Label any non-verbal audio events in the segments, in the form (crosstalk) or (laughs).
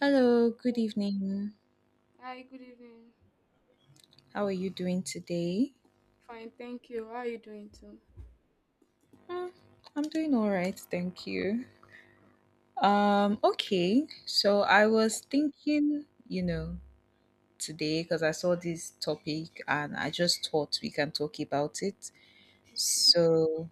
Hello, good evening. Hi, good evening. How are you doing today? Fine, thank you. How are you doing too? Hmm, I'm doing all right, thank you. Okay, so I was thinking, today, because I saw this topic and I just thought we can talk about it. Okay. So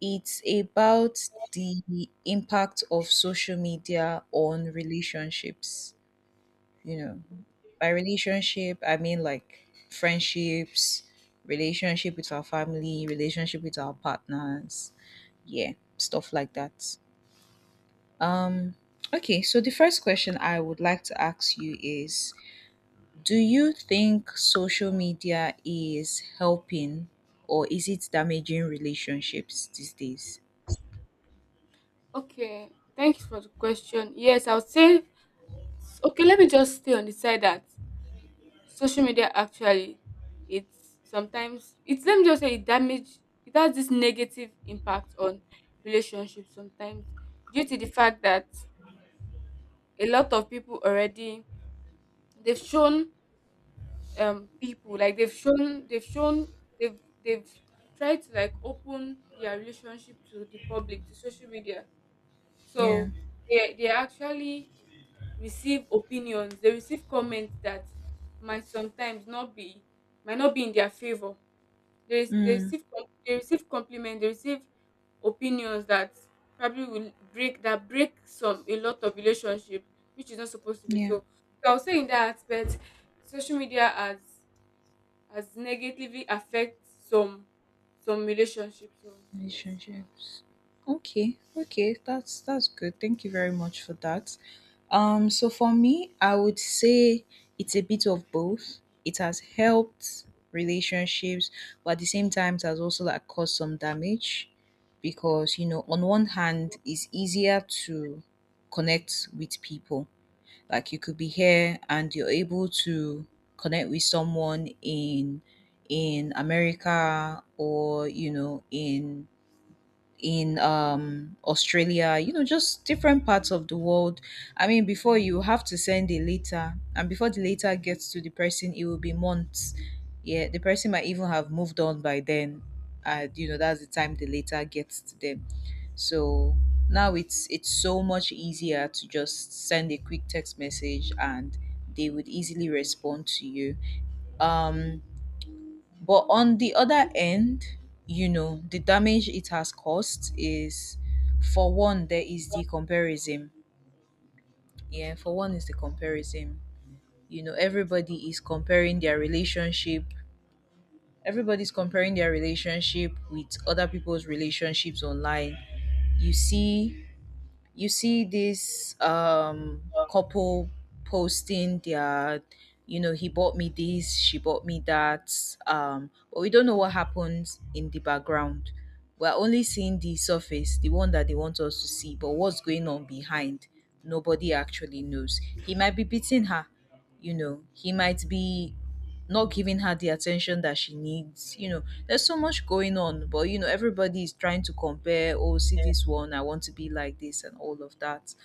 it's about the impact of social media on relationships. you know Okay. by relationship I mean like friendships, relationship with our family, relationship with our partners, yeah, stuff like that. um okay, so the first question I would like to ask you is, do you think social media is helping or is it damaging relationships these days? Okay. Thanks for the question. Yes, I would say okay, let me just stay on the side that social media actually it's sometimes it's let me just say it damage, it has this negative impact on relationships sometimes due to the fact that a lot of people already they've shown, people like they've shown they've they've tried to like open their relationship to the public, to social media. Yeah. So they actually receive opinions, they receive comments that might sometimes not be, might not be in their favor. they, rec- they Mm, receive com- they receive compliments, they receive opinions that probably will break that, break some, a lot of relationship, which is not supposed to be yeah. so. So I'll say in that aspect, social media has negatively affect some relationships. So yes. Relationships. Okay, okay, that's good. Thank you very much for that. So for me, I would say it's a bit of both. It has helped relationships, but at the same time, it has also like caused some damage. Because on one hand, it's easier to connect with people. Like you could be here and you're able to connect with someone in America, or in Australia, you know, just different parts of the world. I mean, before, you have to send a letter, and before the letter gets to the person, it will be months. Yeah, the person might even have moved on by then. And you know, that's the time the letter gets to them. So now it's so much easier to just send a quick text message and they would easily respond to you. Um but on the other end, you know, the damage it has caused is, for one, there is the comparison. Yeah, for one is the comparison. You know, everybody is comparing their relationship. Everybody's comparing their relationship with other people's relationships online. You see you see this couple posting their, you know, he bought me this, she bought me that, um, but we don't know what happens in the background. We're only seeing the surface, the one that they want us to see, but what's going on behind, nobody actually knows. He might be beating her, you know, he might be not giving her the attention that she needs, you know. There's so much going on, but you know, everybody is trying to compare, oh, see this one, I want to be like this, and all of that.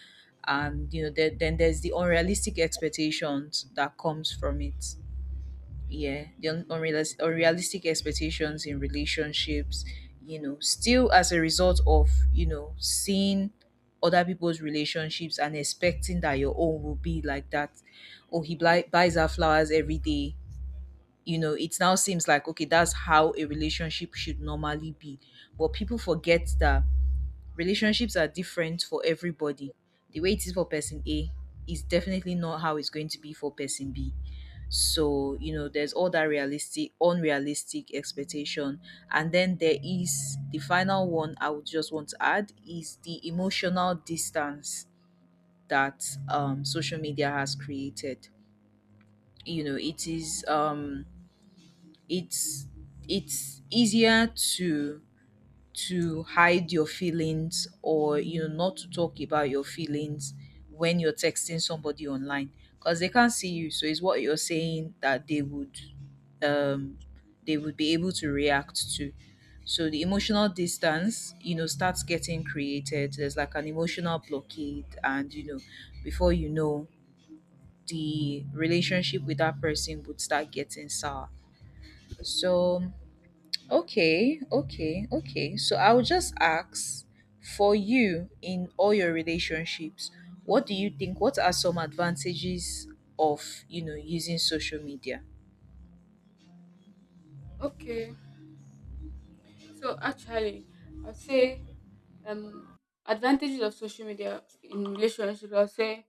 And you know, then there's the unrealistic expectations that comes from it. Yeah, the unrealistic expectations in relationships, you know, still as a result of you know seeing other people's relationships and expecting that your own will be like that. Or he buys her flowers every day, you know. It now seems like okay, that's how a relationship should normally be, but people forget that relationships are different for everybody. The way it is for person A is definitely not how it's going to be for person B. So, you know, there's all that realistic, unrealistic expectation. And then there is the final one I would just want to add, is the emotional distance that social media has created. You know, it is it's it's easier to hide your feelings, or you know, not to talk about your feelings when you're texting somebody online, because they can't see you, so it's what you're saying that they would, um they would be able to react to. So the emotional distance, you know, starts getting created. There's like an emotional blockade, and you know, before you know, the relationship with that person would start getting sour. So okay, okay, okay. So I'll just ask, for you, in all your relationships, what do you think? What are some advantages of, you know, using social media? Okay. So actually I'll say, um advantages of social media in relationships, I'll say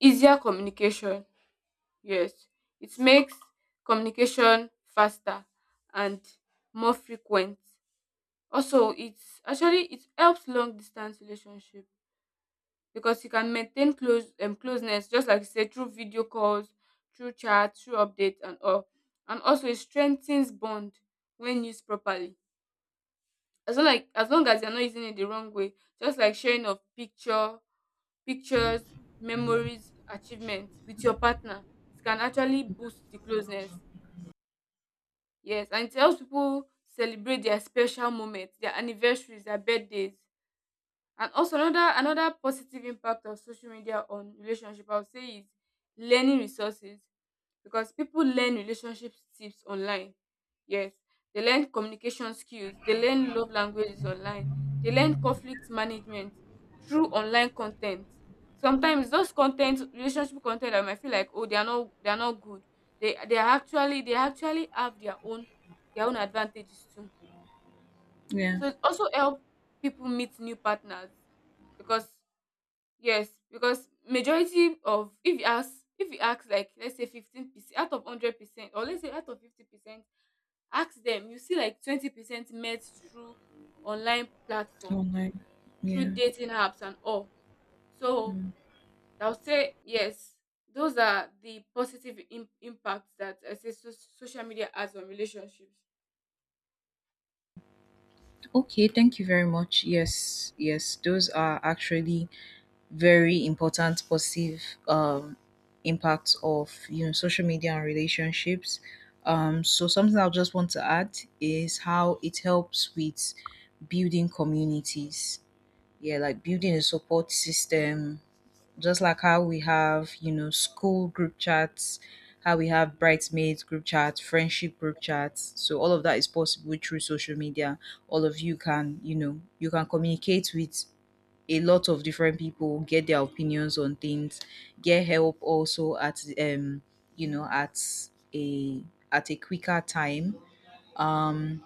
easier communication. Yes. It makes communication faster and more frequent. Also it's actually it helps long distance relationship because you can maintain close, closeness, just like you said, through video calls, through chat, through updates and all. And also it strengthens bond when used properly, as long as you're not using it the wrong way. Just like sharing of pictures, memories, achievements with your partner, it can actually boost the closeness. Yes, and it helps people celebrate their special moments, their anniversaries, their birthdays. And also another positive impact of social media on relationship I would say is learning resources, because people learn relationship tips online. Yes. They learn communication skills, they learn love languages online, they learn conflict management through online content. Sometimes those content, relationship content, I might feel like, oh, they are not good. They are actually, they actually have their own, their own advantages too. Yeah, So it also help people meet new partners, because yes, because majority of, if you ask, like let's say 15% out of 100%, or let's say out of 50%, ask them, you see like 20% met through online platform, online. through Yeah. dating apps and all. So Mm. I'll say yes, those are the positive impacts that I say social media has on relationships. Okay, thank you very much. Yes, yes, those are actually very important positive um, impact of you know social media and relationships. So something I just want to add is how it helps with building communities. Yeah, like building a support system, just like how we have, you know, school group chats, how we have bridesmaids group chats, friendship group chats. So all of that is possible through social media. All of you can, you know, you can communicate with a lot of different people, get their opinions on things, get help also at you know a at a quicker time. Um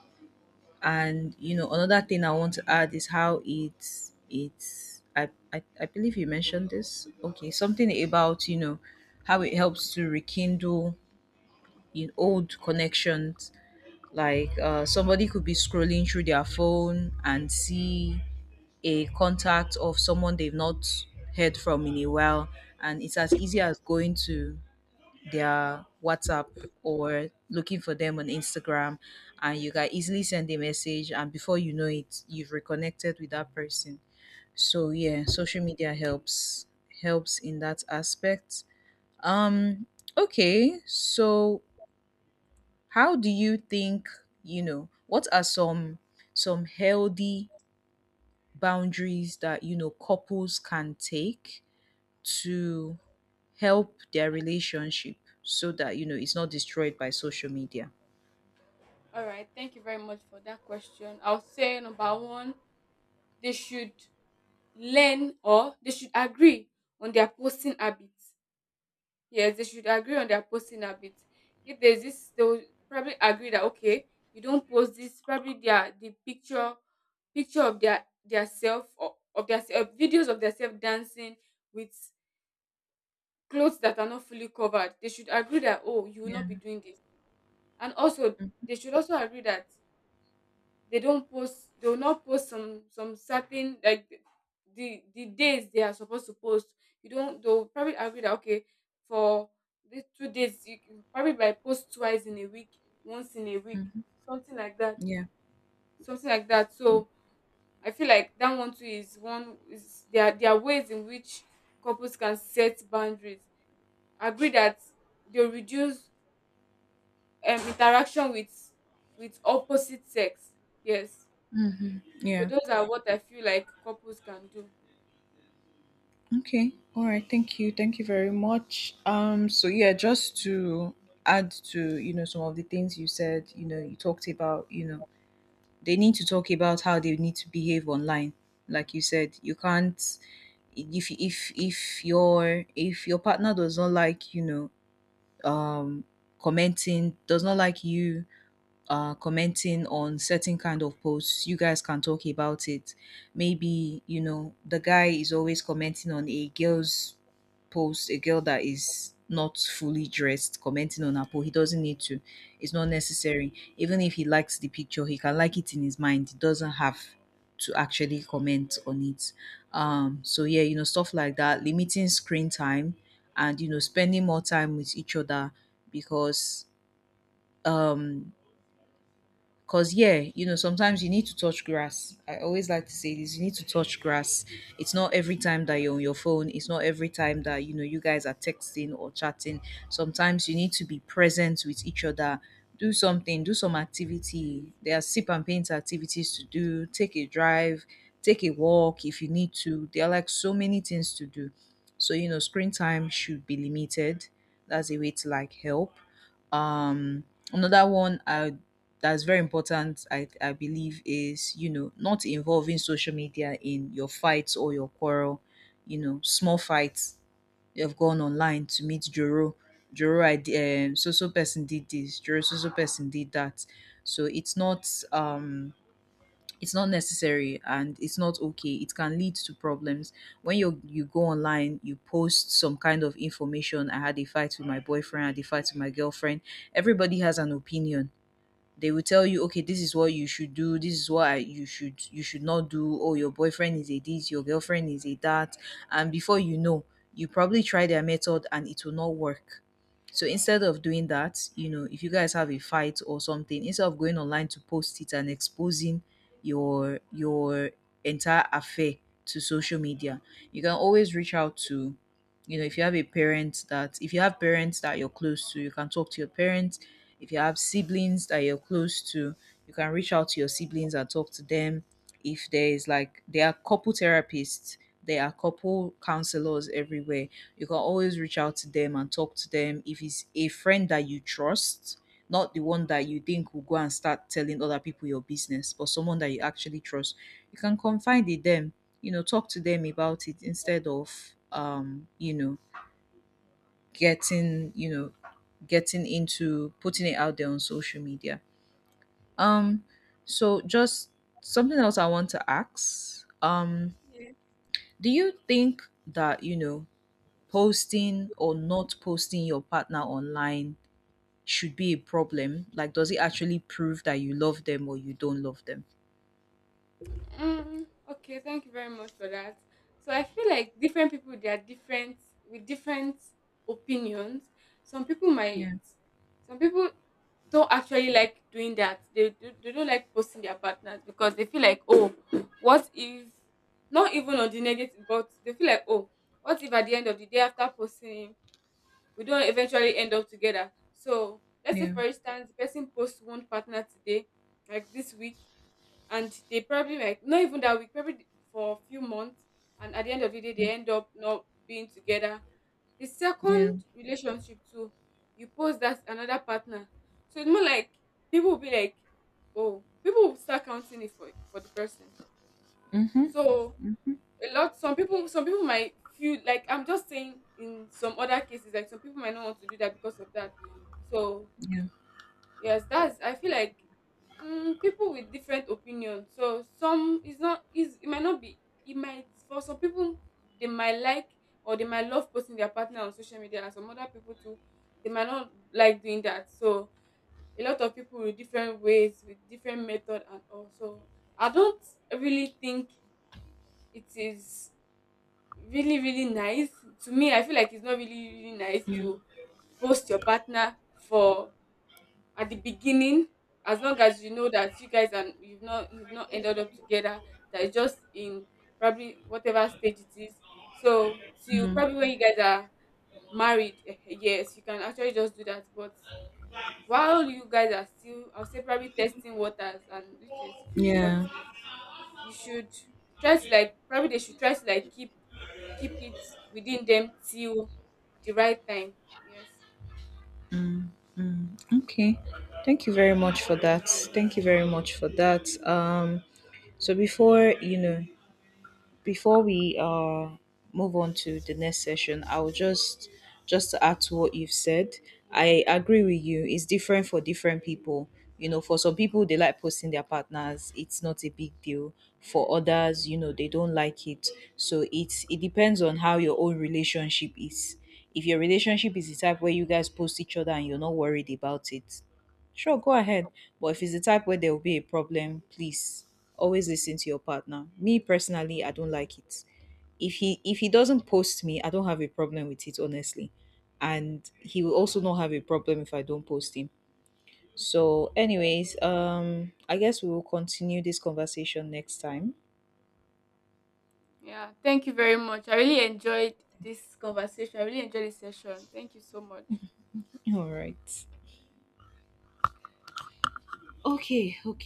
and you know another thing I want to add is how it's I believe you mentioned this. Okay, something about you know how it helps to rekindle in old connections. Like somebody could be scrolling through their phone and see a contact of someone they've not heard from in a while, and it's as easy as going to their WhatsApp or looking for them on Instagram, and you can easily send a message, and before you know it, you've reconnected with that person. So yeah, social media helps helps in that aspect. um okay, so how do you think, you know, what are some healthy boundaries that you know couples can take to help their relationship so that you know it's not destroyed by social media? All right, thank you very much for that question. I'll say number one, they should learn, or they should agree on their posting habits. Yes, they should agree on their posting habits. If there's this, they will probably agree that okay, you don't post this. Probably the picture of their self, or of videos of their self dancing with clothes that are not fully covered. They should agree that, oh, you will Yeah. not be doing this. And also they should also agree that they will not post some certain, like the days they are supposed to post. You don't, they'll probably agree that okay, for these 2 days you can probably like post twice in a week, once in a week, Mm-hmm. something like that, Yeah. something like that. So I feel like that one too is one is, there are, there are ways in which couples can set boundaries. Agree that they reduce, interaction with opposite sex. Yes. Mm-hmm. So Yeah. those are what I feel like couples can do. Okay. All right. Thank you. Thank you very much. So yeah, just to add to you know some of the things you said. You know, you talked about, you know, they need to talk about how they need to behave online. Like you said, you can't, if your, partner does not like, you know, um commenting, does not like you commenting on certain kind of posts, you guys can talk about it. Maybe you know the guy is always commenting on a girl's post, a girl that is not fully dressed, commenting on her post, he doesn't need to. It's not necessary, even if he likes the picture, he can like it in his mind, he doesn't have to actually comment on it. So yeah, you know, stuff like that, limiting screen time and you know spending more time with each other, because um 'cause yeah, you know, sometimes you need to touch grass. I always like to say this, you need to touch grass. It's not every time that you're on your phone, it's not every time that you know you guys are texting or chatting. Sometimes you need to be present with each other. Do something, do some activity. There are sip and paint activities to do, take a drive, take a walk if you need to. There are like so many things to do. So, you know, screen time should be limited. That's a way to like help. Another one I, that's very important, I believe, is you know not involving social media in your fights or your quarrel. You know, small fights, you have gone online to meet Joro, so so person did this, Joro, so so person did that. So it's not, it's not necessary and it's not okay. It can lead to problems when you go online, you post some kind of information, I had a fight with my boyfriend, I had a fight with my girlfriend. Everybody has an opinion. They will tell you, okay, this is what you should do. This is what you should, you should not do. Oh, your boyfriend is a this, your girlfriend is a that, and before you know, you probably try their method and it will not work. So instead of doing that, you know, if you guys have a fight or something, instead of going online to post it and exposing your entire affair to social media, you can always reach out to, you know, if you have a parent that if you have parents that you're close to, you can talk to your parents. If you have siblings that you're close to, you can reach out to your siblings and talk to them. If there is like, there are couple therapists, there are couple counselors everywhere. You can always reach out to them and talk to them. If it's a friend that you trust, not the one that you think will go and start telling other people your business, but someone that you actually trust, you can confide in them, you know, talk to them about it, instead of, um, you know, getting you know getting into putting it out there on social media. um so just something else I want to ask, Yeah. do you think that you know posting or not posting your partner online should be a problem? Like, does it actually prove that you love them or you don't love them? Okay, thank you very much for that. So I feel like different people, they are different with different opinions. Some people might Yeah. some people don't actually like doing that. They don't like posting their partners because they feel like, oh, what if, not even on the negative, but they feel like, oh, what if at the end of the day after posting him, we don't eventually end up together. So let's say Yeah. for instance the person posts one partner today, like this week, and they probably like, not even that week, probably for a few months, and at the end of the day Mm, they end up not being together. The yeah. second relationship too, you post that another partner. So it's more like people will be like, oh, people will start counting it for the person. Mm-hmm. So a lot, some people might feel like, I'm just saying in some other cases, like some people might not want to do that because of that. So Yeah. yes, that's, I feel like, people with different opinions. So some is not, is it might not be, it might, for some people, they might like, or they might love posting their partner on social media, and some other people too, they might not like doing that. So a lot of people with different ways, with different method. And also I don't really think it is really really nice. To me I feel like it's not really really nice Yeah. to post your partner for, at the beginning, as long as you know that you guys, and you've not ended up together, that it's just in, probably whatever stage it is. So till Mm-hmm. probably when you guys are married, yes, you can actually just do that. But while you guys are still, I'll say, probably testing waters, and which is, but Yeah. you should try to like, probably they should try to like keep, keep it within them till the right time. Yes. Okay. Thank you very much for that. Thank you very much for that. So before, you know, before we move on to the next session, I'll just to add to what you've said. I agree with you. It's different for different people. You know, for some people they like posting their partners. It's not a big deal. For others, you know, they don't like it. So it's, it depends on how your own relationship is. If your relationship is the type where you guys post each other and you're not worried about it, sure, go ahead. But if it's the type where there will be a problem, please always listen to your partner. Me personally, I don't like it. If he doesn't post me, I don't have a problem with it, honestly. And he will also not have a problem if I don't post him. So, anyways, I guess we will continue this conversation next time. Yeah. Thank you very much. I really enjoyed this conversation. I really enjoyed this session. Thank you so much. (laughs) All right. Okay, okay.